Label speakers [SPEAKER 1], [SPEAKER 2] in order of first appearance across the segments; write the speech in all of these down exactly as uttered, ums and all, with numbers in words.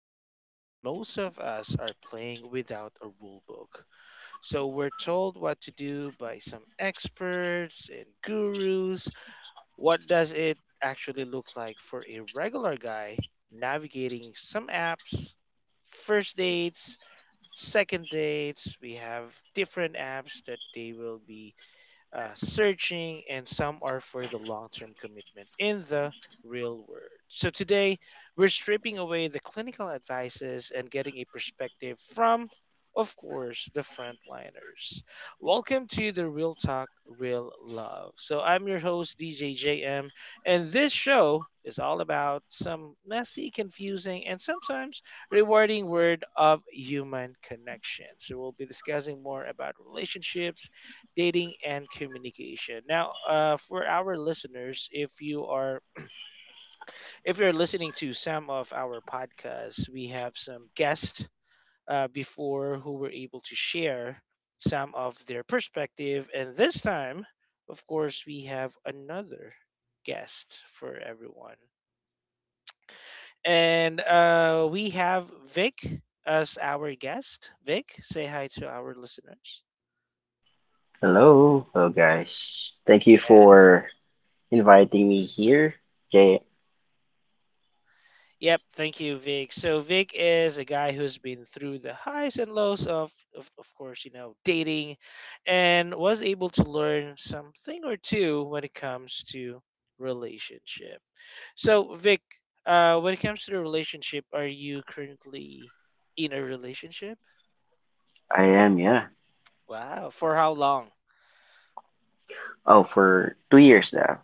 [SPEAKER 1] game, but most of us are playing without a rule book. So we're told what to do by some experts and gurus. What does it actually look like for a regular guy navigating some apps, first dates, second dates? We have different apps that they will be uh, searching, and some are for the long term commitment in the real world. So today, we're stripping away the clinical advices and getting a perspective from, of course, the frontliners. Welcome to the Real Talk, Real Love. So I'm your host, D J J M, and this show is all about some messy, confusing, and sometimes rewarding word of human connection. So we'll be discussing more about relationships, dating and communication. Now, uh, for our listeners, if you are if you're listening to some of our podcasts, we have some guests uh, before who were able to share some of their perspective, and this time, of course, we have another guest for everyone, and uh, we have Vic as our guest. Vic, say hi to our listeners.
[SPEAKER 2] Hello, hello guys. Thank you
[SPEAKER 1] Yes.
[SPEAKER 2] for inviting me here. Jay,
[SPEAKER 1] Yep, thank you, Vic. So Vic is a guy who's been through the highs and lows of, of, of course, you know, dating, and was able to learn something or two when it comes to relationship. So Vic, uh, when it comes to the relationship, are you currently in a relationship?
[SPEAKER 2] I am, yeah.
[SPEAKER 1] Wow, for how long?
[SPEAKER 2] Oh, for two years now.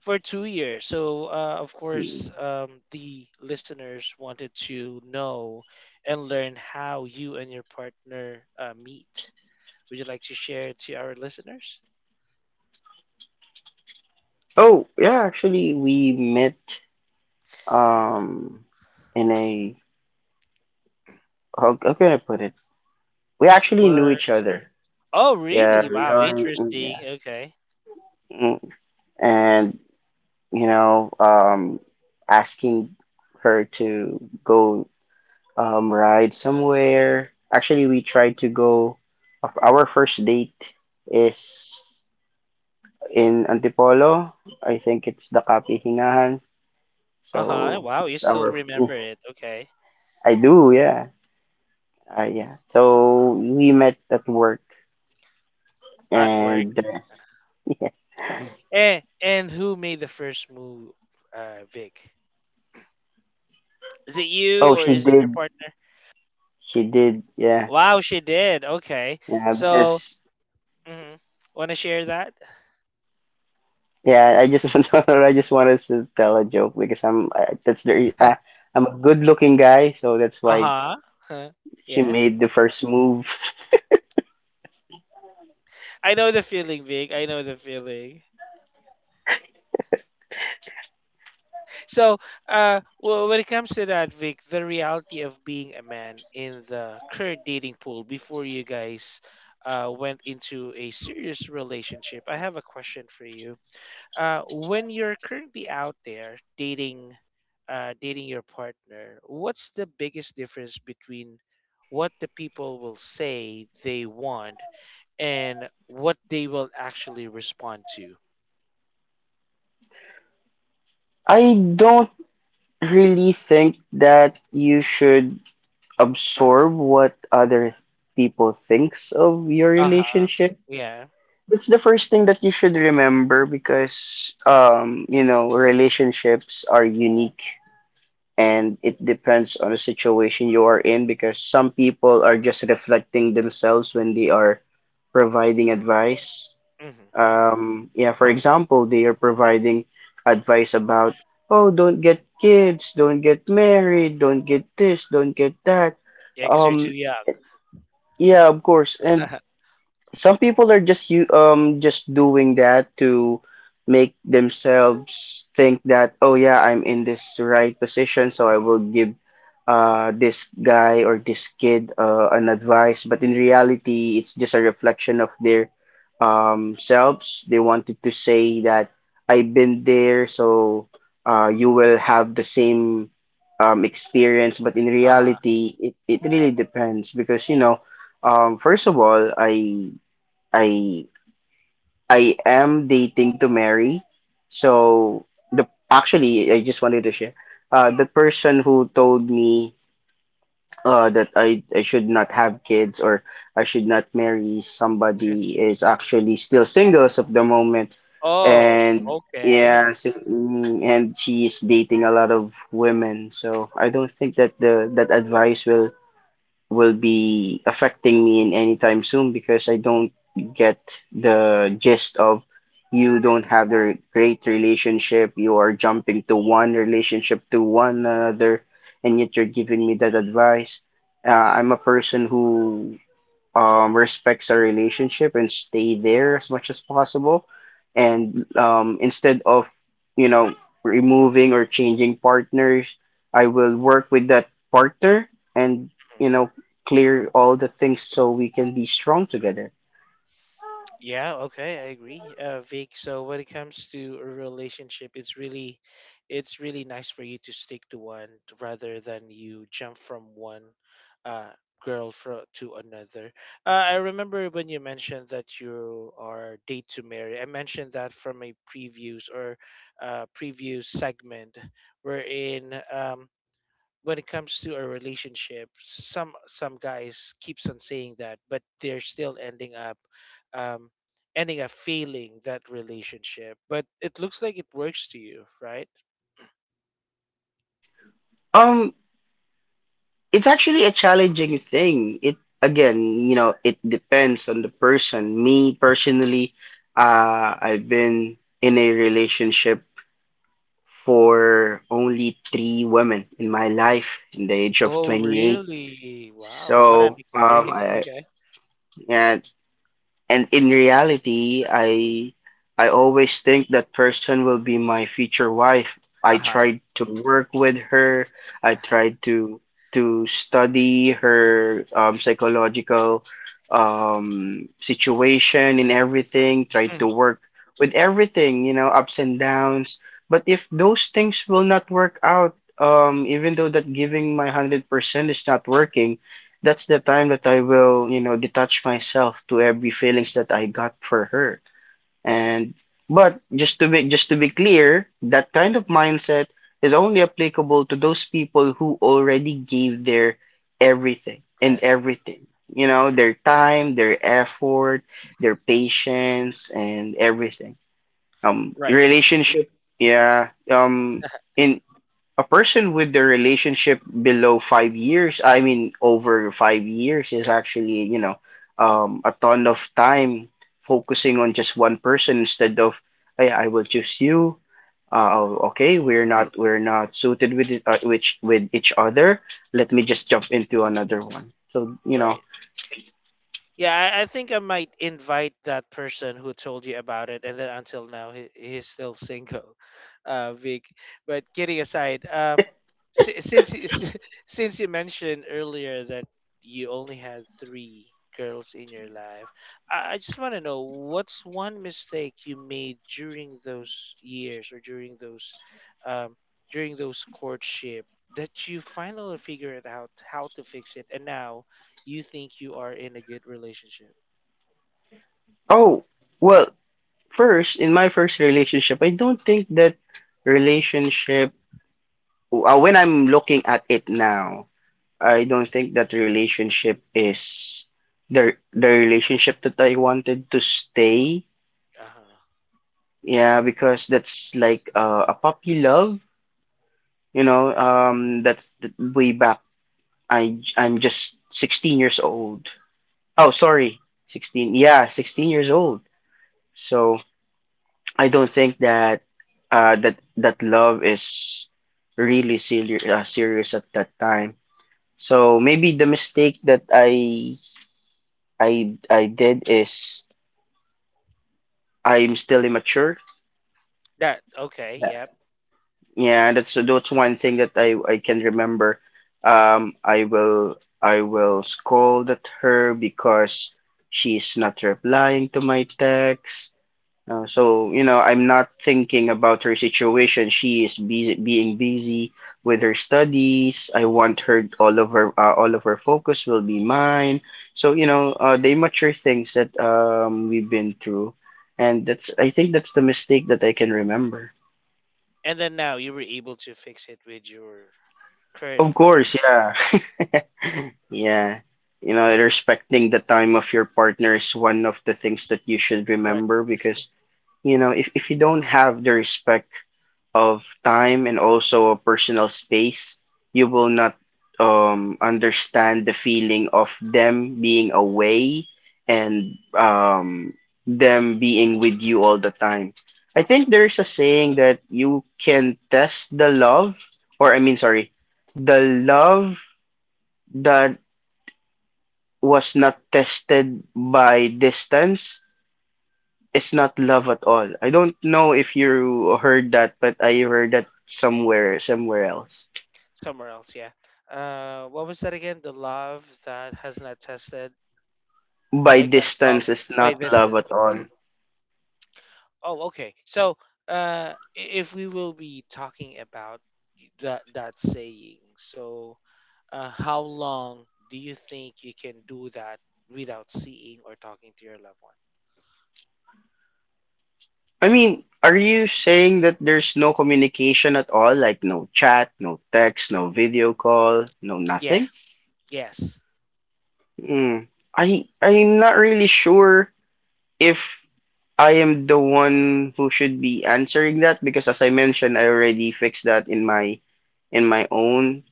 [SPEAKER 1] For two years. So, uh, of
[SPEAKER 2] Hmm.
[SPEAKER 1] course, um, the listeners wanted to know and learn how you and your partner uh, meet. Would you like to share to our listeners?
[SPEAKER 2] Oh, yeah, actually, we met um in a how, how can I put it? We actually knew
[SPEAKER 1] Work.
[SPEAKER 2] each other.
[SPEAKER 1] Oh,
[SPEAKER 2] Yeah,
[SPEAKER 1] really?
[SPEAKER 2] we
[SPEAKER 1] Wow,
[SPEAKER 2] are. in-
[SPEAKER 1] interesting.
[SPEAKER 2] Yeah.
[SPEAKER 1] Okay.
[SPEAKER 2] Mm. And you know, um, asking her to go um, ride somewhere. Actually, we tried to go. Our first date is in Antipolo. I think it's the Kapi Hingahan.
[SPEAKER 1] Uh huh.
[SPEAKER 2] So
[SPEAKER 1] Wow, you
[SPEAKER 2] it's
[SPEAKER 1] still
[SPEAKER 2] our.
[SPEAKER 1] remember it. Okay.
[SPEAKER 2] I do, yeah, uh, yeah. So we met at work,
[SPEAKER 1] At work.
[SPEAKER 2] and the rest. Yeah.
[SPEAKER 1] Eh, and who made the first move, uh, Vic? Is it you
[SPEAKER 2] Oh,
[SPEAKER 1] or
[SPEAKER 2] she
[SPEAKER 1] is it your
[SPEAKER 2] did.
[SPEAKER 1] partner?
[SPEAKER 2] She did. Yeah.
[SPEAKER 1] Wow, she did. Okay.
[SPEAKER 2] Yeah.
[SPEAKER 1] So,
[SPEAKER 2] Because
[SPEAKER 1] mhm. Want to share that?
[SPEAKER 2] yeah, I just want I just wanted to tell a joke because I'm I, that's the re- uh, I'm a good-looking guy, so that's why
[SPEAKER 1] Uh-huh. Huh.
[SPEAKER 2] she
[SPEAKER 1] Yes.
[SPEAKER 2] made the first move.
[SPEAKER 1] I know the feeling, Vic. I know the feeling. So, uh, well, when it comes to that, Vic, the reality of being a man in the current dating pool before you guys uh, went into a serious relationship, I have a question for you. Uh, when you're currently out there dating, uh, dating your partner, what's the biggest difference between what the people will say they want and what they will actually respond to?
[SPEAKER 2] I don't really think that you should absorb what other people thinks of your
[SPEAKER 1] Uh huh.
[SPEAKER 2] relationship.
[SPEAKER 1] Yeah.
[SPEAKER 2] That's the first thing that you should remember because um you know relationships are unique, and it depends on the situation you are in because some people are just reflecting themselves when they are providing advice.
[SPEAKER 1] Hmm.
[SPEAKER 2] Um, yeah, for example, they are providing advice about, oh, don't get kids, don't get married, don't get this, don't get that.
[SPEAKER 1] Yeah, because you're too
[SPEAKER 2] Um,
[SPEAKER 1] young.
[SPEAKER 2] yeah, of course. And some people are just you um just doing that to make themselves think that, oh yeah, I'm in this right position, so I will give uh this guy or this kid uh, an advice, but in reality it's just a reflection of their um selves. They wanted to say that I've been there, so uh you will have the same um experience, but in
[SPEAKER 1] Uh huh.
[SPEAKER 2] reality it, it really depends because you know, um first of all, I I I am dating to marry. So the actually I just wanted to share. Uh, the person who told me uh that I, I should not have kids or I should not marry somebody is actually still single as of the moment.
[SPEAKER 1] Oh,
[SPEAKER 2] And
[SPEAKER 1] okay.
[SPEAKER 2] yeah, so, mm, and she is dating a lot of women. So I don't think that the that advice will will be affecting me in any time soon because I don't get the gist of, you don't have the re- great relationship. You are jumping to one relationship to one another, and yet you're giving me that advice. Uh, I'm a person who um, respects our relationship and stay there as much as possible. And um, instead of, you know, removing or changing partners, I will work with that partner and, you know, clear all the things so we can be strong together.
[SPEAKER 1] Yeah, okay, I agree, uh, Vic. So when it comes to a relationship, it's really, it's really nice for you to stick to one rather than you jump from one uh, girl fro to another. Uh, I remember when you mentioned that you are date to marry. I mentioned that from a previous or uh, previous segment wherein um, when it comes to a relationship, some some guys keeps on saying that, but they're still ending up um, ending up failing that relationship. But it looks like it works to you, right?
[SPEAKER 2] Um, it's actually a challenging thing. It Again, you know, it depends on the person. Me personally, uh, I've been in a relationship for only three women in my life in the age of
[SPEAKER 1] Oh,
[SPEAKER 2] twenty-eight.
[SPEAKER 1] really? Wow, what an
[SPEAKER 2] So um,
[SPEAKER 1] experience.
[SPEAKER 2] I,
[SPEAKER 1] Okay.
[SPEAKER 2] and and in reality, I I always think that person will be my future wife. I
[SPEAKER 1] Uh huh.
[SPEAKER 2] tried to work with her. I
[SPEAKER 1] Uh huh.
[SPEAKER 2] tried to to study her um, psychological um, situation and everything. Tried to work with everything, you know, ups and downs. But if those things will not work out, um, even though that giving my hundred percent is not working, that's the time that I will, you know, detach myself to every feelings that I got for her. And but just to be just to be clear, that kind of mindset is only applicable to those people who already gave their everything and
[SPEAKER 1] Rest.
[SPEAKER 2] everything. You know,
[SPEAKER 1] Mm.
[SPEAKER 2] their time, their effort, their patience and everything. Um
[SPEAKER 1] Right.
[SPEAKER 2] relationship, yeah. Um in a person with the relationship below five years, I mean over five years, is actually, you know, um, a ton of time focusing on just one person instead of, hey, I will choose you. Uh, okay, we're not we're not suited with it, uh, which with each other. Let me just jump into another one. So you know,
[SPEAKER 1] Right. Yeah, I, I think I might invite that person who told you about it, and then until now he, he's still single, uh, Vic. But kidding aside, uh, Si- since you- since you mentioned earlier that you only had three girls in your life, I, I just want to know what's one mistake you made during those years or during those um, during those courtship that you finally figured out how to fix it, and now you think you are in a good relationship.
[SPEAKER 2] oh well. First, in my first relationship, I don't think that relationship. Uh, when I'm looking at it now, I don't think that relationship is the the relationship that I wanted to stay.
[SPEAKER 1] Uh-huh.
[SPEAKER 2] Yeah, because that's like uh, a puppy love, you know. Um, that's th- way back. I I'm just sixteen years old. Oh, sorry, sixteen. Yeah, sixteen years old. So I don't think that uh that that love is really serious, uh, serious at that time. So maybe the mistake that I I I did is I'm still immature.
[SPEAKER 1] That okay,
[SPEAKER 2] Yeah,
[SPEAKER 1] yep.
[SPEAKER 2] yeah, that's that's one thing that I, I can remember. Um, I will I will scold at her because she's not replying to my text. Uh, so you know I'm not thinking about her situation. She is busy being busy with her studies. I want her all of her uh, all of her focus will be mine. So you know, uh, the immature things that um, we've been through, and that's I think that's the mistake that I can remember.
[SPEAKER 1] And then now you were able to fix it with your current
[SPEAKER 2] Of
[SPEAKER 1] partner.
[SPEAKER 2] course, yeah. Yeah. You know, respecting the time of your partner is one of the things that you should remember because, you know, if, if you don't have the respect of time and also a personal space, you will not um, understand the feeling of them being away and um, them being with you all the time. I think there's a saying that you can test the love, or I mean, sorry, the love that was not tested by distance is not love at all. I don't know if you heard that, but I heard that somewhere, somewhere else.
[SPEAKER 1] Somewhere else, yeah. Uh, what was that again? The love that has not tested,
[SPEAKER 2] By
[SPEAKER 1] like a love.
[SPEAKER 2] distance is
[SPEAKER 1] Wait,
[SPEAKER 2] not
[SPEAKER 1] this
[SPEAKER 2] love
[SPEAKER 1] is.
[SPEAKER 2] at all.
[SPEAKER 1] Oh, okay. So, uh, i- if we will be talking about y- that that saying, so, uh, how long do you think you can do that without seeing or talking to your loved one?
[SPEAKER 2] I mean, are you saying that there's no communication at all? Like no chat, no text, no video call, no
[SPEAKER 1] Yeah.
[SPEAKER 2] nothing?
[SPEAKER 1] Yes.
[SPEAKER 2] Mm. I I'm not really sure if I am the one who should be answering that because, as I mentioned, I already fixed that in my in my own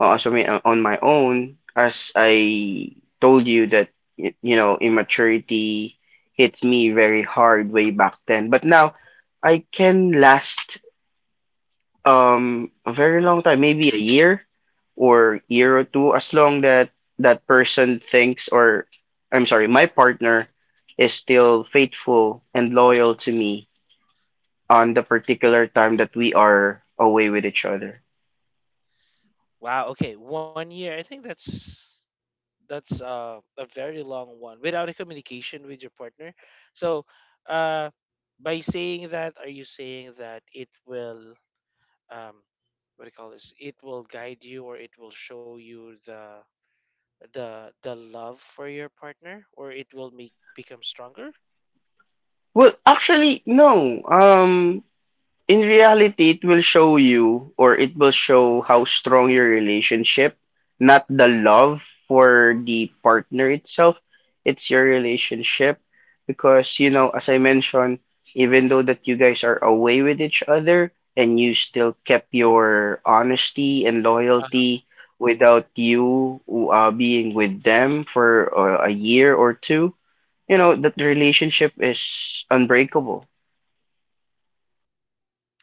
[SPEAKER 2] uh, so I uh, on my own. As I told you that, y- you know, immaturity hits me very hard way back then, but now I can last um a very long time, maybe a year or year or two, as long that that person thinks, or I'm sorry, my partner is still faithful and loyal to me on the particular time that we are away with each other.
[SPEAKER 1] Wow. Okay. One year. I think that's. That's uh, a very long one without a communication with your partner. So uh, by saying that, are you saying that it will um, what do you call this, it will guide you or it will show you the the the love for your partner, or it will make become stronger?
[SPEAKER 2] Well, actually, no. Um, in reality, it will show you or it will show how strong your relationship, not the love for the partner itself. It's your relationship because, you know, as I mentioned, even though that you guys are away with each other and you still kept your honesty and loyalty without you uh, being with them for uh, a year or two, you know that the relationship is unbreakable.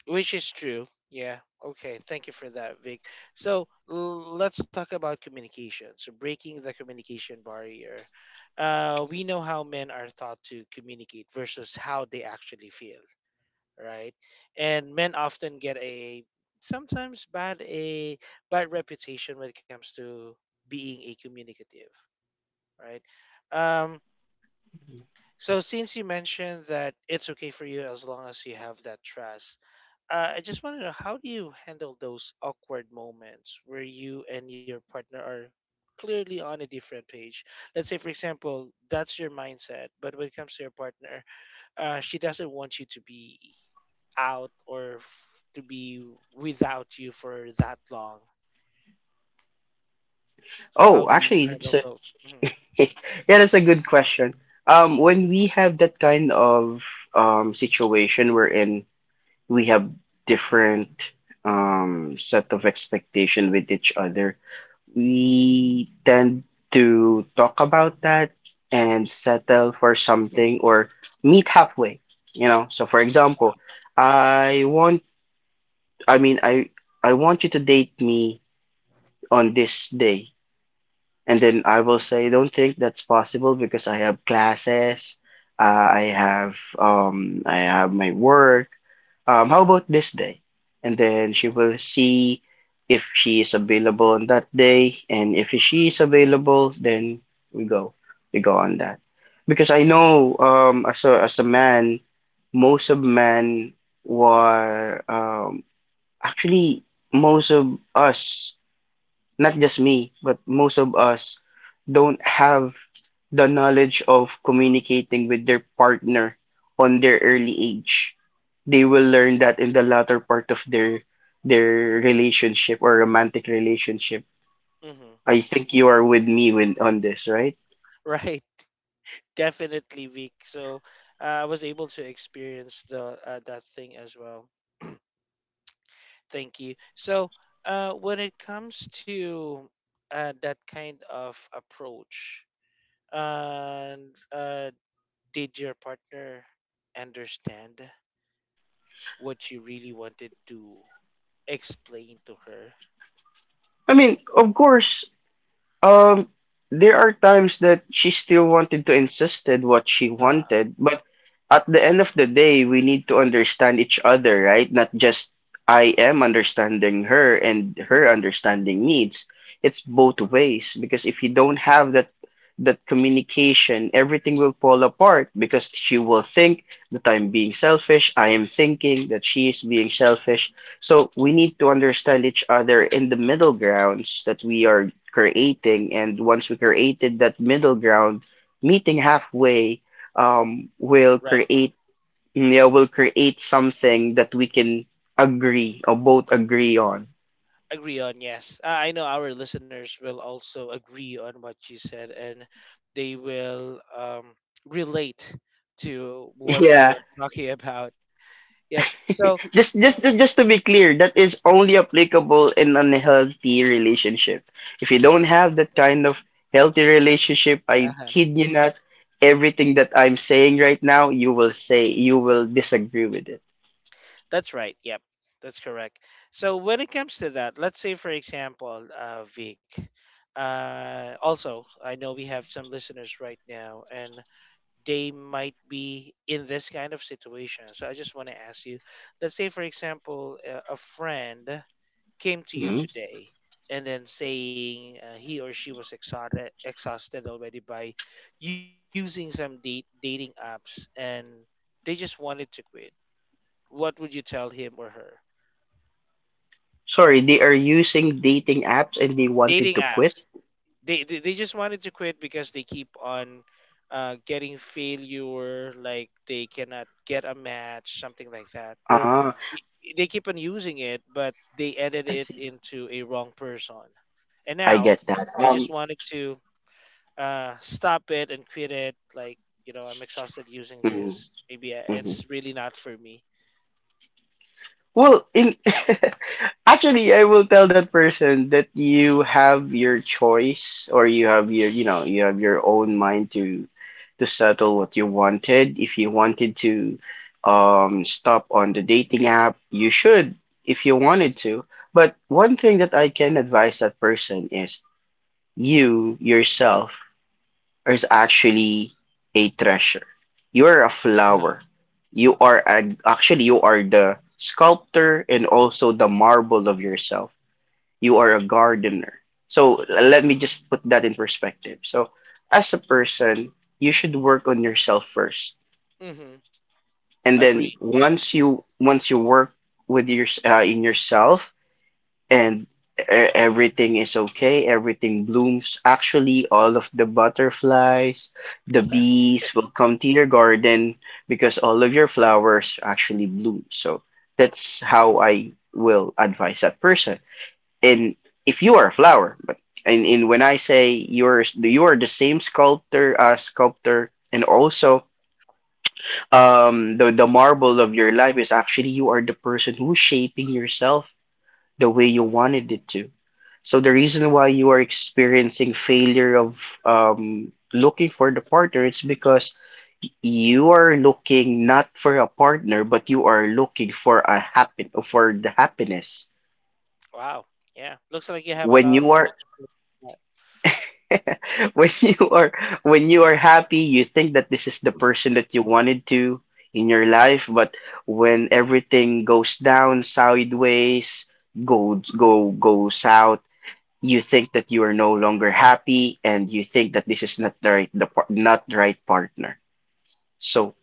[SPEAKER 1] Which is true. Yeah. Okay. Thank you for that, Vic. So l- let's talk about communication. So breaking the communication barrier. Uh, we know how men are taught to communicate versus how they actually feel, right? And men often get a sometimes bad a bad reputation when it comes to being a communicative, right? Um, so since you mentioned that it's okay for you as long as you have that trust, uh, I just want to know, how do you handle those awkward moments where you and your partner are clearly on a different page? Let's say, for example, that's your mindset, but when it comes to your partner, uh, she doesn't want you to be out or f- to be without you for that long. So how
[SPEAKER 2] Oh,
[SPEAKER 1] do you
[SPEAKER 2] actually
[SPEAKER 1] handle
[SPEAKER 2] it's a
[SPEAKER 1] those? hmm
[SPEAKER 2] yeah, that's a good question. Um when we have that kind of um situation wherein we have different um set of expectation with each other, we tend to talk about that and settle for something or meet halfway, you know. So for example, I want I mean i i want you to date me on this day. And then I will say, I don't think that's possible because I have classes, uh, I have um, I have my work. Um, how about this day? And then she will see if she is available on that day, and if she is available, then we go, we go on that. Because I know, um, as a as a man, most of men were um, actually most of us not just me, but most of us don't have the knowledge of communicating with their partner on their early age. They will learn that in the latter part of their their relationship or romantic relationship.
[SPEAKER 1] hmm
[SPEAKER 2] I think you are with me with on this, right?
[SPEAKER 1] Right. Definitely weak. So uh, I was able to experience the uh, that thing as well. Thank you. So uh, when it comes to uh, that kind of approach, and uh, did your partner understand what you really wanted to explain to her?
[SPEAKER 2] I mean, of course, Um, there are times that she still wanted to insisted what she
[SPEAKER 1] Uh-huh.
[SPEAKER 2] wanted, but at the end of the day, we need to understand each other, right? Not just I am understanding her and her understanding needs. It's both ways, because if you don't have that that communication, everything will fall apart because she will think that I'm being selfish, I am thinking that she is being selfish. So we need to understand each other in the middle grounds that we are creating, and once we created that middle ground, meeting halfway um will create, yeah, will create something that we can agree or both agree on.
[SPEAKER 1] Agree on, yes. Uh, I know our listeners will also agree on what you said, and they will um, relate to what we
[SPEAKER 2] Yeah,
[SPEAKER 1] are talking about. Yep. So
[SPEAKER 2] just just just just to be clear, that is only applicable in an healthy relationship. If you don't have that kind of healthy relationship, I
[SPEAKER 1] uh
[SPEAKER 2] kid you not, everything that I'm saying right now you will say you will disagree with it.
[SPEAKER 1] that's right. Yep, that's correct. So when it comes to that, let's say for example, uh, Vic, uh, also I know we have some listeners right now, and they might be in this kind of situation, so I just want to ask you, let's say for example, a a friend came to you today and then saying, uh, he or she was exhausted exhausted already by using some date, dating apps, and they just wanted to quit. What would you tell him or her?
[SPEAKER 2] Sorry, they are using dating apps and they
[SPEAKER 1] Dating
[SPEAKER 2] wanted to quit.
[SPEAKER 1] apps, they they, they just wanted to quit because they keep on uh, getting failure, like they cannot get a match, something like that, or
[SPEAKER 2] Ah,
[SPEAKER 1] i- i- they keep on using it but they
[SPEAKER 2] I
[SPEAKER 1] edit it
[SPEAKER 2] see.
[SPEAKER 1] into a wrong person, and
[SPEAKER 2] I
[SPEAKER 1] now
[SPEAKER 2] get that.
[SPEAKER 1] they just
[SPEAKER 2] Um,
[SPEAKER 1] wanted to uh, stop it and quit it. Like, you know, I'm exhausted using
[SPEAKER 2] mhm,
[SPEAKER 1] this. Maybe I-
[SPEAKER 2] mhm.
[SPEAKER 1] it's really not for me.
[SPEAKER 2] Well, in actually, I will tell that person that you have your choice, or you have your, you know, you have your own mind to to settle what you wanted. If you wanted to um stop on the dating app, you should, if you wanted to. But one thing that I can advise that person is you yourself is actually a treasure. You are a
[SPEAKER 1] Yeah.
[SPEAKER 2] flower. You are a, actually you are the sculptor and also the marble of yourself. You are a gardener. So l- let me just put that in perspective. So as a person, you should work on yourself first,
[SPEAKER 1] Mm-hmm.
[SPEAKER 2] and then
[SPEAKER 1] Agree.
[SPEAKER 2] once you once you work with your uh, in yourself, and e- everything is okay, everything blooms, actually all of the butterflies, the bees will come to your garden because all of your flowers actually bloom. So that's how I will advise that person. And if you are a flower, but and, and when I say you're you are the same sculptor, uh, sculptor and also um the, the marble of your life, is actually you are the person who's shaping yourself the way you wanted it to. So the reason why you are experiencing failure of um, looking for the partner, it's because y- you are looking not for a partner, but you are looking for a happen for the happiness.
[SPEAKER 1] Wow. Yeah. Looks like you have a
[SPEAKER 2] When
[SPEAKER 1] lot
[SPEAKER 2] you
[SPEAKER 1] of
[SPEAKER 2] are
[SPEAKER 1] experience with that.
[SPEAKER 2] when you are when you are happy, you think that this is the person that you wanted to in your life. But when everything goes down sideways, goes go go south, you think that you are no longer happy and you think that this is not the right the par- not the right partner. So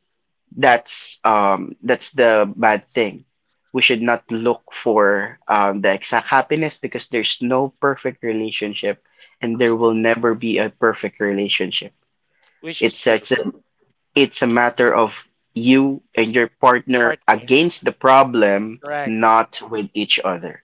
[SPEAKER 2] that's um that's the bad thing. We should not look for um, the exact happiness because there's no perfect relationship, and there will never be a perfect relationship.
[SPEAKER 1] Which is
[SPEAKER 2] it's
[SPEAKER 1] true.
[SPEAKER 2] it's a, it's a matter of you and your partner
[SPEAKER 1] Partner.
[SPEAKER 2] against the problem,
[SPEAKER 1] Correct.
[SPEAKER 2] not with each other.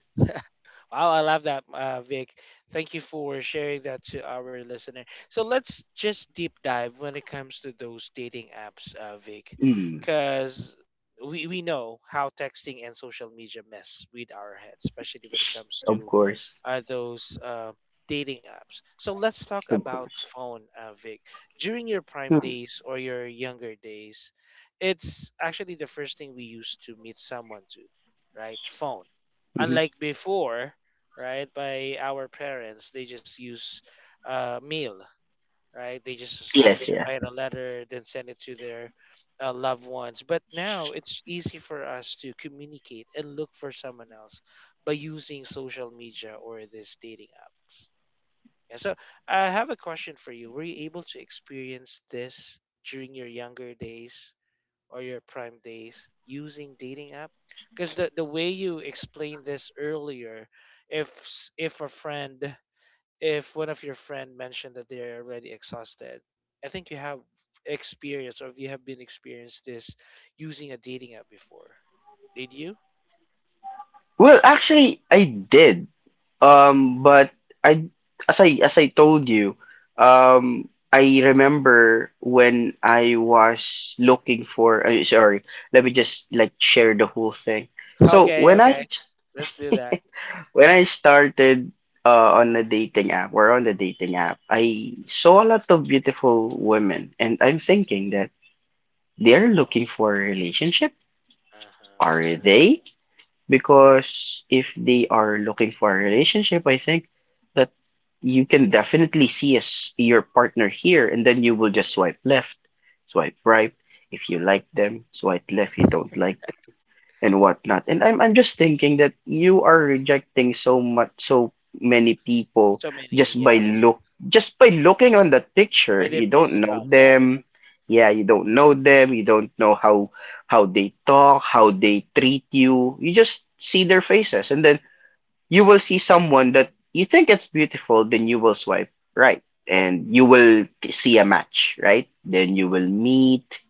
[SPEAKER 1] Wow, I love that, uh, Vic. Thank you for sharing that to our listener. So let's just deep dive when it comes to those dating apps, uh, Vic,
[SPEAKER 2] Mm,
[SPEAKER 1] because we, we know how texting and social media mess with our heads, especially when it comes
[SPEAKER 2] of
[SPEAKER 1] to
[SPEAKER 2] course,
[SPEAKER 1] uh, those uh, dating apps. So let's talk
[SPEAKER 2] of
[SPEAKER 1] about
[SPEAKER 2] course.
[SPEAKER 1] phone, uh, Vic. During your prime
[SPEAKER 2] Hmm.
[SPEAKER 1] days or your younger days, it's actually the first thing we used to meet someone to, right? Phone,
[SPEAKER 2] Mm-hmm.
[SPEAKER 1] unlike before, right? By our parents, they just use uh, mail, right? They just need
[SPEAKER 2] Yes,
[SPEAKER 1] to
[SPEAKER 2] yeah.
[SPEAKER 1] write a letter, then send it to their uh, loved ones. But now it's easy for us to communicate and look for someone else by using social media or this dating app. Yeah, so I have a question for you. Were you able to experience this during your younger days or your prime days using dating app? Because the, the way you explained this earlier, if s- if a friend, if one of your friend mentioned that they're already exhausted, I think you have experience, or if you have been experienced this using a dating app before, did you?
[SPEAKER 2] Well, actually, I did. Um, but I, as I as I told you, um, I remember when I was looking for. Uh, sorry, let me just like share the whole thing. So
[SPEAKER 1] Okay,
[SPEAKER 2] when I
[SPEAKER 1] okay, let's do that.
[SPEAKER 2] when I started uh, on a dating app, or on the dating app, I saw a lot of beautiful women, and I'm thinking that they're looking for a relationship.
[SPEAKER 1] Uh-huh.
[SPEAKER 2] Are they? Because if they are looking for a relationship, I think that you can definitely see as your partner here, and then you will just swipe left, swipe right. If you like them, swipe left. You don't like, and whatnot. And I'm I'm just thinking that you are rejecting so much, so many people,
[SPEAKER 1] So many,
[SPEAKER 2] just by
[SPEAKER 1] yes.
[SPEAKER 2] look just by looking on that
[SPEAKER 1] But
[SPEAKER 2] picture.
[SPEAKER 1] they're
[SPEAKER 2] You don't
[SPEAKER 1] physical,
[SPEAKER 2] know
[SPEAKER 1] yeah.
[SPEAKER 2] them. Yeah, you don't know them. You don't know how how they talk, how they treat you. You just see their faces, and then you will see someone that you think it's beautiful, then you will swipe right and you will see a match, right? Then you will meet,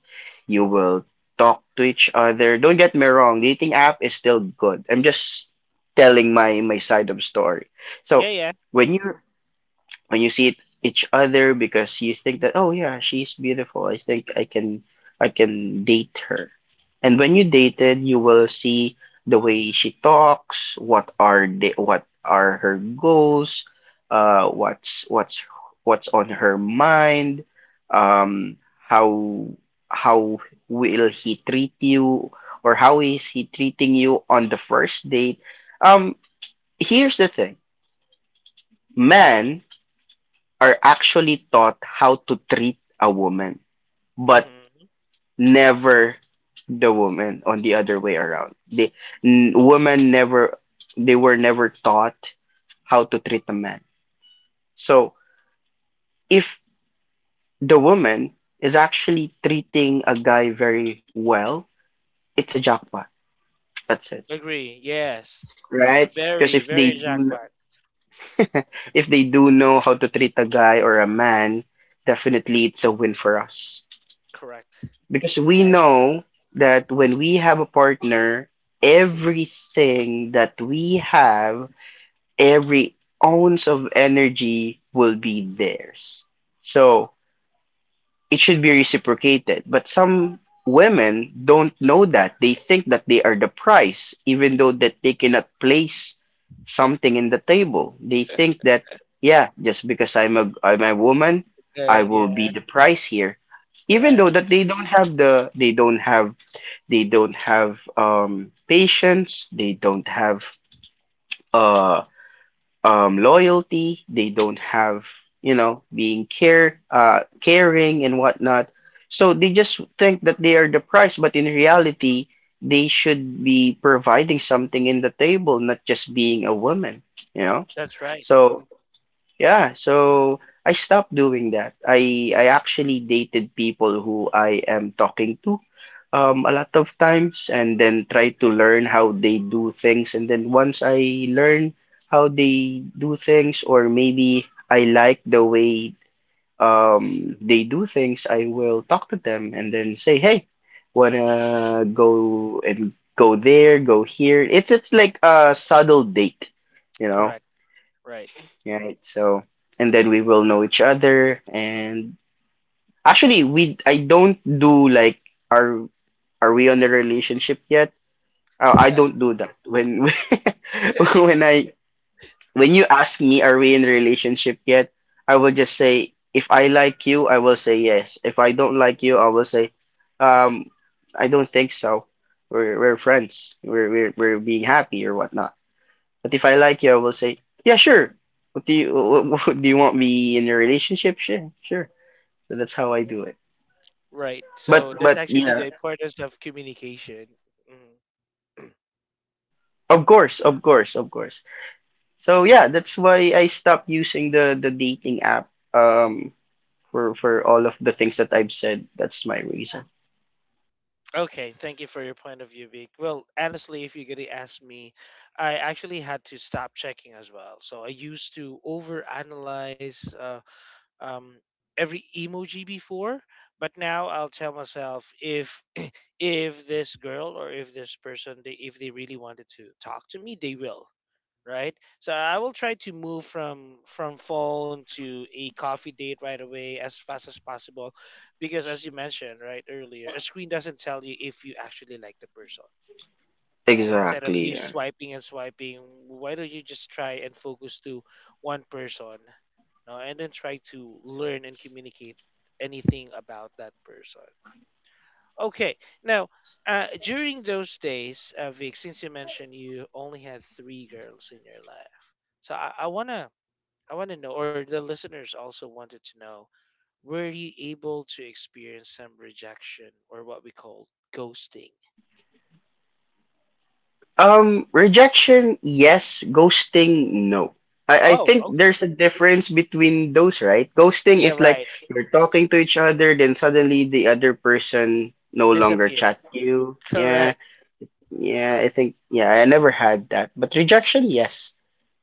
[SPEAKER 2] you will talk to each other. Don't get me wrong, dating app is still good. I'm just telling my my side of story.
[SPEAKER 1] Yeah,
[SPEAKER 2] So
[SPEAKER 1] yeah.
[SPEAKER 2] when you when you see it, each other, because you think that, oh yeah, she's beautiful, I think I can i can date her. And when you dated, you will see the way she talks, what are the what are her goals, uh what's what's what's on her mind, um, how how will he treat you, or how is he treating you on the first date. Um, here's the thing, man are actually taught how to treat a woman, but
[SPEAKER 1] Mm-hmm.
[SPEAKER 2] never the woman on the other way around. The n- women never, they were never taught how to treat a man. So if the woman is actually treating a guy very well, it's a jackpot. That's it,
[SPEAKER 1] Agree, yes.
[SPEAKER 2] right? Because
[SPEAKER 1] Very,
[SPEAKER 2] if they
[SPEAKER 1] very
[SPEAKER 2] do,
[SPEAKER 1] jackpot.
[SPEAKER 2] if they do know how to treat a guy or a man, definitely it's a win for us.
[SPEAKER 1] Correct.
[SPEAKER 2] Because we
[SPEAKER 1] Like,
[SPEAKER 2] know that when we have a partner, everything that we have, every ounce of energy will be theirs. So it should be reciprocated. But some women don't know that. They think that they are the prize, even though that they cannot place something in the table. They think that, yeah, just because I'm a I'm a woman, I
[SPEAKER 1] girl,
[SPEAKER 2] will be
[SPEAKER 1] yeah.
[SPEAKER 2] the prize here. Even though that
[SPEAKER 1] Correct.
[SPEAKER 2] they don't have the they don't have, they don't have um patience, they don't have uh um, loyalty. They don't have, you know, being care, uh, caring and whatnot. So they just think that they are the price, but in reality, they should be providing something in the table, not just being a woman. You know,
[SPEAKER 1] That's right.
[SPEAKER 2] so yeah, so I stopped doing that. I I actually dated people who I am talking to, um, a lot of times, and then try to learn how they do things, and then once I learn how they do things or maybe I like the way um they do things, I will talk to them and then say, "Hey, wanna go and go there, go here." It's it's like a subtle date, you know,
[SPEAKER 1] Correct. Right.
[SPEAKER 2] right? So, and then we will know each other. And actually, we I don't do like, are are we on the relationship yet? Uh, I don't do that. When when I when you ask me, are we in relationship yet? I will just say, if I like you, I will say yes. If I don't like you, I will say, um, I don't think so. We're we're friends. We're we're we're being happy or whatnot. But if I like you, I will say, yeah, sure. What do you what, what, do you want me in a relationship? Sure, sure. So that's how I do it.
[SPEAKER 1] Right.
[SPEAKER 2] But
[SPEAKER 1] So that's
[SPEAKER 2] but
[SPEAKER 1] actually the
[SPEAKER 2] yeah,
[SPEAKER 1] importance of communication. Mm.
[SPEAKER 2] of course, of course, of course. So yeah, that's why I stopped using the the dating app, um, for for all of the things that I've said. That's my reason.
[SPEAKER 1] Okay, thank you for your point of view, Vic. Well, honestly, if you're gonna ask me, I actually had to stop checking as well. So I used to overanalyze uh, um, every emoji before, but now I'll tell myself, if if this girl or if this person, they, if they really wanted to talk to me, they will. Right? So I will try to move from from phone to a coffee date right away as fast as possible, because as you mentioned right earlier, a screen doesn't tell you if you actually like the person. Yeah, instead of
[SPEAKER 2] Exactly.
[SPEAKER 1] you
[SPEAKER 2] Yeah.
[SPEAKER 1] swiping and swiping, why don't you just try and focus to one person, no, and then try to learn and communicate anything about that person. Okay. Now, uh, during those days, uh, Vic, since you mentioned you only had three girls in your life, so I, I wanna, I wanna know, or the listeners also wanted to know, were you able to experience some rejection or what we call ghosting?
[SPEAKER 2] Um, rejection, yes. Ghosting, no. I, I
[SPEAKER 1] Oh,
[SPEAKER 2] think
[SPEAKER 1] okay.
[SPEAKER 2] there's a difference between those, right? Ghosting
[SPEAKER 1] Yeah,
[SPEAKER 2] is like
[SPEAKER 1] right.
[SPEAKER 2] you're talking to each other, then suddenly the other person no longer
[SPEAKER 1] Disappear.
[SPEAKER 2] chat you. Yeah,
[SPEAKER 1] Correct.
[SPEAKER 2] yeah. I think yeah. I never had that, but rejection, yes.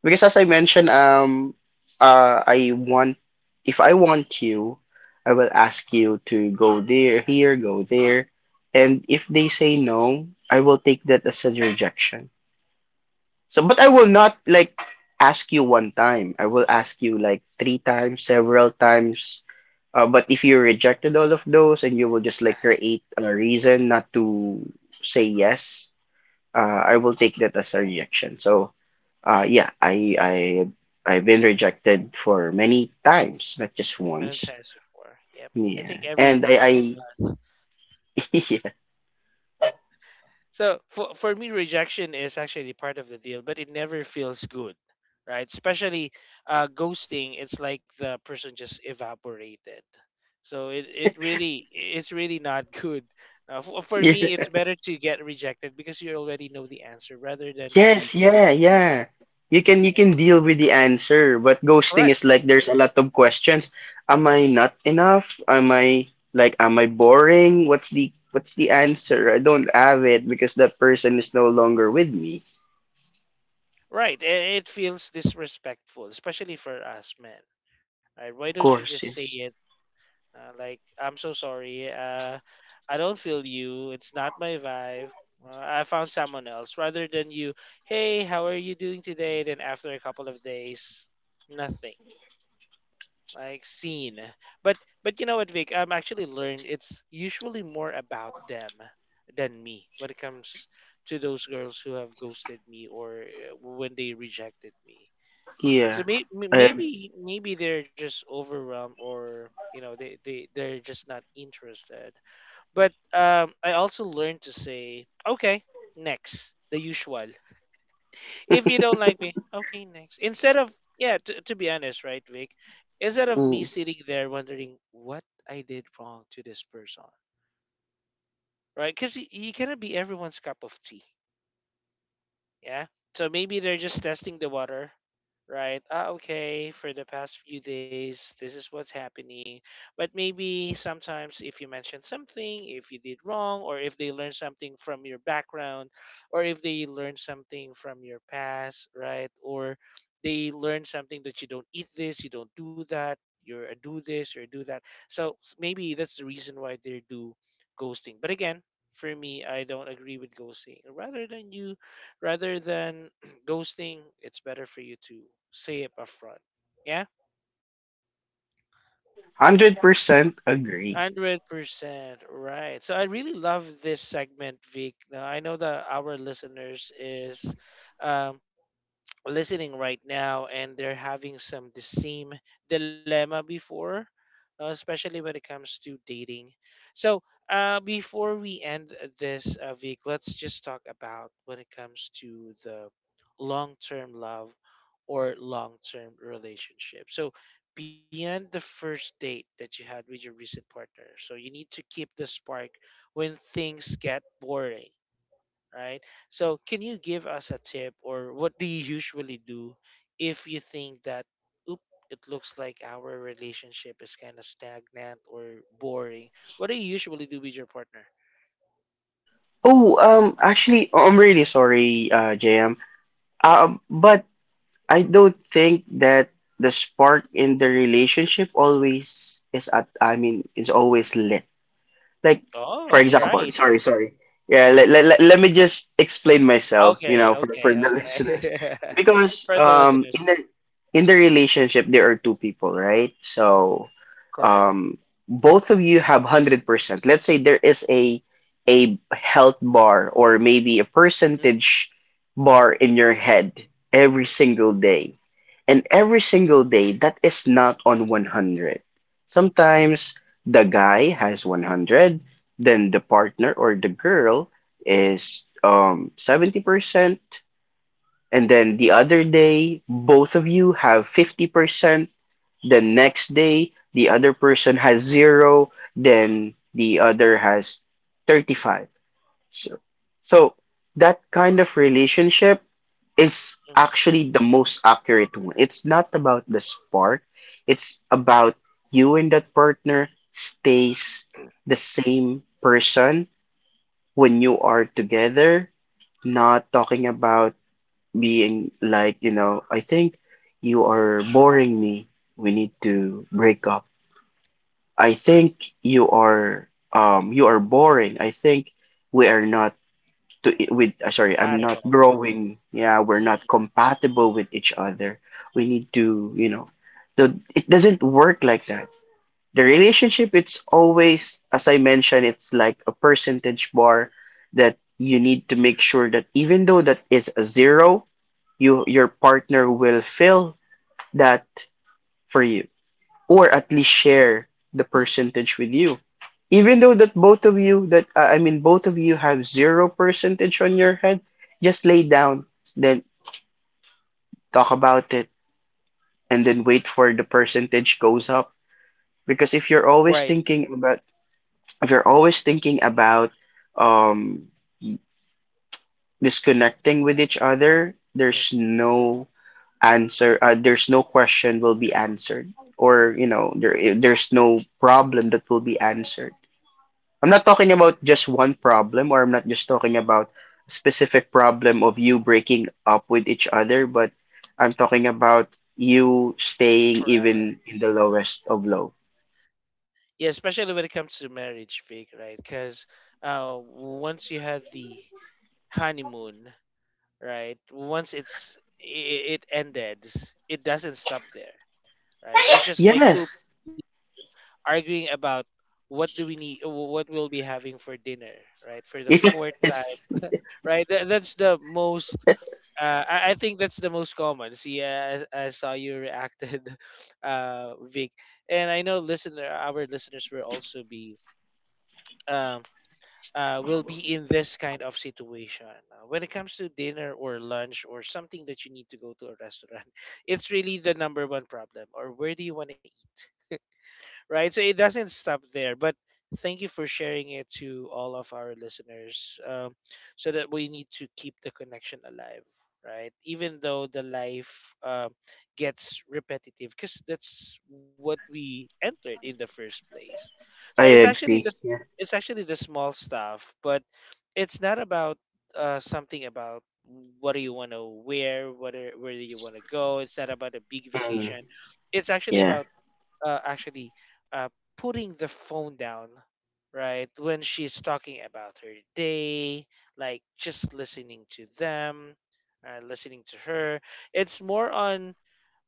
[SPEAKER 2] Because as I mentioned, um, uh, I want if I want you, I will ask you to go there, here, go there, and if they say no, I will take that as a rejection. So, but I will not like ask you one time. I will ask you like three times, several times. Uh, but if you rejected all of those and you will just like create a reason not to say yes, uh, I will take that as a rejection. So, uh, yeah, I I I've been rejected for many times, not just
[SPEAKER 1] Many
[SPEAKER 2] once.
[SPEAKER 1] times before. Yep. I think
[SPEAKER 2] Yeah, and
[SPEAKER 1] everyone.
[SPEAKER 2] I I
[SPEAKER 1] So for for me, rejection is actually part of the deal, but it never feels good, right? Especially uh, ghosting, it's like the person just evaporated. So it, it really it's really not good. Uh, for, for
[SPEAKER 2] yeah.
[SPEAKER 1] me, it's better to get rejected because you already know the answer rather than to be
[SPEAKER 2] Yes, yeah,
[SPEAKER 1] ghosted.
[SPEAKER 2] yeah. You can you
[SPEAKER 1] Right?
[SPEAKER 2] can deal with the answer, but ghosting
[SPEAKER 1] Correct.
[SPEAKER 2] is like there's a lot of questions. Am I not enough? Am I like am I boring? What's the what's the answer? I don't have it because that person is no longer with me.
[SPEAKER 1] Right. It, it feels disrespectful, especially for us men. Right? Why don't
[SPEAKER 2] Of
[SPEAKER 1] you just say
[SPEAKER 2] course,
[SPEAKER 1] it?
[SPEAKER 2] yes.
[SPEAKER 1] Uh, like, I'm so sorry. Uh, I don't feel you. It's not my vibe. Uh, I found someone else. Rather than you, hey, how are you doing today? Then after a couple of days, nothing. Like seen. But but you know what, Vic? I'm actually learned it's usually more about them than me when it comes to those girls who have ghosted me, or uh, when they rejected me. So
[SPEAKER 2] Yeah.
[SPEAKER 1] may, may-
[SPEAKER 2] I
[SPEAKER 1] maybe maybe they're just overwhelmed or you know they, they they're just not interested. But um I also learned to say okay, next, the usual. If you don't like me, okay, next. Instead of yeah, to, to be honest, right, Vic, instead of
[SPEAKER 2] Mm,
[SPEAKER 1] me
[SPEAKER 2] one
[SPEAKER 1] sitting there wondering what I did wrong to this person, right? Cuz you, you cannot be everyone's cup of tea. Yeah. So maybe they're just testing the water, right? Ah, okay, for the past few days, this is what's happening. But maybe sometimes if you mention something, if you did wrong, or if they learn something from your background, or if they learn something from your past, right? Or they learn something that you don't eat this, you don't do that, you're a do this or do that. So s- maybe that's the reason why they do ghosting. But again, for me, I don't agree with ghosting. Rather than you Rather than ghosting, it's better for you to say it upfront. Yeah,
[SPEAKER 2] hundred percent agree.
[SPEAKER 1] one hundred percent right. So I really love this segment, Vic. Now, I know that our listeners is um, listening right now and they're having some the same dilemma before, uh, especially when it comes to dating, so uh, before we end this uh, week, let's just talk about when it comes to the long-term love or long-term relationship, so beyond the first date that you had with your recent partner, so you need to keep the spark when things get boring, right? So, can you give us a tip or what do you usually do if you think that, oop, it looks like our relationship is kind of stagnant or boring? What do you usually do with your partner?
[SPEAKER 2] Oh, um, actually, oh, I'm really sorry, uh, J M. Um, but I don't think that the spark in the relationship always is at I mean is always lit. Like
[SPEAKER 1] Oh,
[SPEAKER 2] for
[SPEAKER 1] you're
[SPEAKER 2] example,
[SPEAKER 1] right.
[SPEAKER 2] sorry, sorry. Yeah, let, let, let, let me just explain myself, you
[SPEAKER 1] Okay,
[SPEAKER 2] know, for, for
[SPEAKER 1] okay,
[SPEAKER 2] the
[SPEAKER 1] okay.
[SPEAKER 2] listeners. Because
[SPEAKER 1] For the
[SPEAKER 2] um
[SPEAKER 1] listeners,
[SPEAKER 2] in the in the relationship there are two people, right?
[SPEAKER 1] correct.
[SPEAKER 2] So um both of you have one hundred percent. Let's say there is a a health bar, or maybe a percentage bar in your head every single day. And every single day, that is not on one hundred. Sometimes the guy has one hundred, then the partner or the girl is, um, seventy percent, and then the other day, both of you have fifty percent. The next day, the other person has zero, then the other has thirty-five. So, so that kind of relationship is
[SPEAKER 1] Mm-hmm.
[SPEAKER 2] actually the most accurate one. It's not about the spark. It's about you and that partner stays the same person when you are together, not talking about being like, you know, I think you are boring me. We need to break up. I think you are um you are boring. I think we are not to I- with uh, sorry, I'm not
[SPEAKER 1] Compatible.
[SPEAKER 2] growing, yeah, we're
[SPEAKER 1] Mm.
[SPEAKER 2] not compatible with each other. We need to, you know, so it doesn't work like that. The relationship, it's always, as I mentioned, it's like a percentage bar that you need to make sure that even though that is a zero, you your partner will fill that for you, or at least share the percentage with you, even though that both of you that uh, I mean both of you have zero percentage on your head, just lay down, then talk about it, and then wait for the percentage goes up. Because if you're
[SPEAKER 1] Right.
[SPEAKER 2] always thinking about, if you're always thinking about, um, disconnecting with each other,
[SPEAKER 1] Mm.
[SPEAKER 2] there's no answer, uh, there's no question will be answered, or, you know, there there's no problem that will be answered. I'm not talking about just one problem, or I'm not just talking about a specific problem of you breaking up with each other, but I'm talking about you staying
[SPEAKER 1] Forever.
[SPEAKER 2] even in the lowest of low.
[SPEAKER 1] Yeah, especially when it comes to marriage, Vic, right? Because uh, once you had the honeymoon, right? Once it's it, it ended, it doesn't stop there, right? It's just like two
[SPEAKER 2] Yes.
[SPEAKER 1] people arguing about what do we need, wh- what we'll be having for dinner, right? For the fourth time,
[SPEAKER 2] Yes.
[SPEAKER 1] right? That, that's the most. Uh, I, I think that's the most common. See, I, I saw you reacted, uh, Vic, and I know listener, our listeners will also be um uh, will be in this kind of situation. Uh, when it comes to dinner or lunch or something that you need to go to a restaurant, it's really the number one problem. Or where do you want to eat? Right? So it doesn't stop there. But thank you for sharing it to all of our listeners, um, so that we need to keep the connection alive. Right, even though the life uh, gets repetitive, because that's what we entered in the first place. So
[SPEAKER 2] I
[SPEAKER 1] it's actually the—
[SPEAKER 2] agree. Yeah.
[SPEAKER 1] it's actually the small stuff, but it's not about uh, something about what do you want to wear, what are, where do you want to go. It's not about a big
[SPEAKER 2] Mm.
[SPEAKER 1] vacation. It's actually
[SPEAKER 2] Yeah.
[SPEAKER 1] about uh, actually uh, putting the phone down, right? When she's talking about her day, like just listening to them, uh, listening to her. It's more on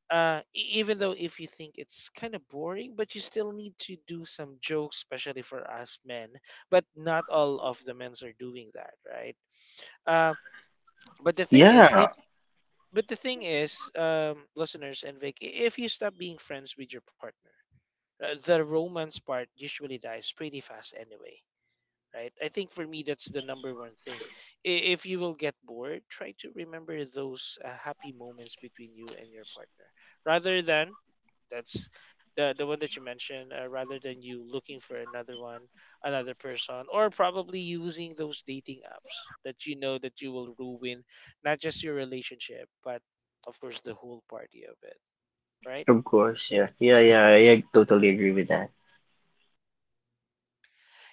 [SPEAKER 1] uh, e- even though if you think it's kind of boring, but you still need to do some jokes, especially for us men. But not all of the men's are doing that, right? Uh, but the thing is,
[SPEAKER 2] Yeah.
[SPEAKER 1] if but the thing is, um, listeners and Vic, i- if you stop being friends with your partner, uh, the romance part usually dies pretty fast anyway. Right? I think for me that's the number one thing. I- If you will get bored, try to remember those uh, happy moments between you and your partner, rather than that's the the one that you mentioned. Uh, rather than you looking for another one, another person, or probably using those dating apps that you know that you will ruin not just your relationship, but of course the whole party of it, right?
[SPEAKER 2] Of course. Yeah. Yeah. Yeah. I ag- totally agree with that.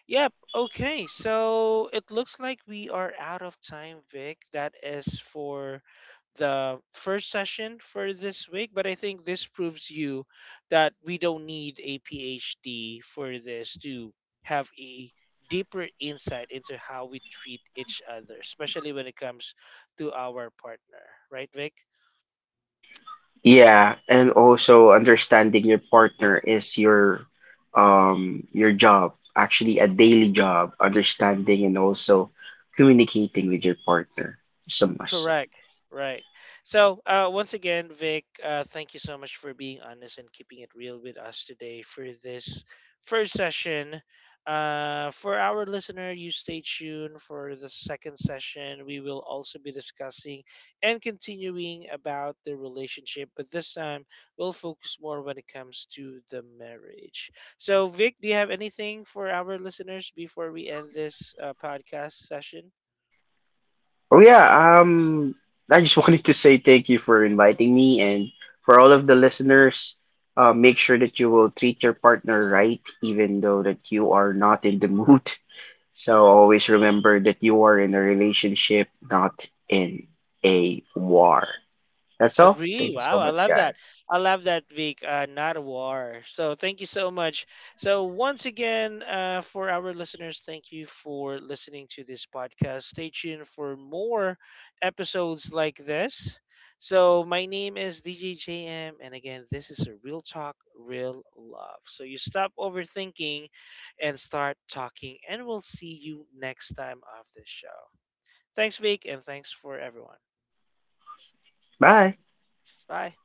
[SPEAKER 1] Yep. Okay. So it looks like we are out of time, Vic. That is for the first session for this week. But I think this proves you that we don't need a PhD for this to have a deeper insight into how we treat each other, especially when it comes to our partner. Right, Vic?
[SPEAKER 2] Yeah, and also understanding your partner is your um your job, actually a daily job, understanding and also communicating with your partner is a must.
[SPEAKER 1] Correct. Right. So, uh, once again, Vic, uh, thank you so much for being honest and keeping it real with us today for this first session. Uh, for our listener, you stay tuned for the second session. We will also be discussing and continuing about the relationship, but this time we'll focus more when it comes to the marriage. So, Vic, do you have anything for our listeners before we end this uh, podcast session?
[SPEAKER 2] Oh yeah, um, I just wanted to say thank you for inviting me, and for all of the listeners, uh, make sure that you will treat your partner right, even though that you are not in the mood. So always remember that you are in a relationship, not in a war. That's all.
[SPEAKER 1] Agree.
[SPEAKER 2] Thank you so
[SPEAKER 1] Wow, I
[SPEAKER 2] much,
[SPEAKER 1] love that.
[SPEAKER 2] guys.
[SPEAKER 1] I love that Vic, uh, not a war. So thank you so much. So once again, uh, for our listeners, thank you for listening to this podcast. Stay tuned for more episodes like this. So my name is D J J M, and again, this is a real talk, real love. So you stop overthinking and start talking, and we'll see you next time of this show. Thanks, Vic, and thanks for everyone.
[SPEAKER 2] Bye.
[SPEAKER 1] Bye.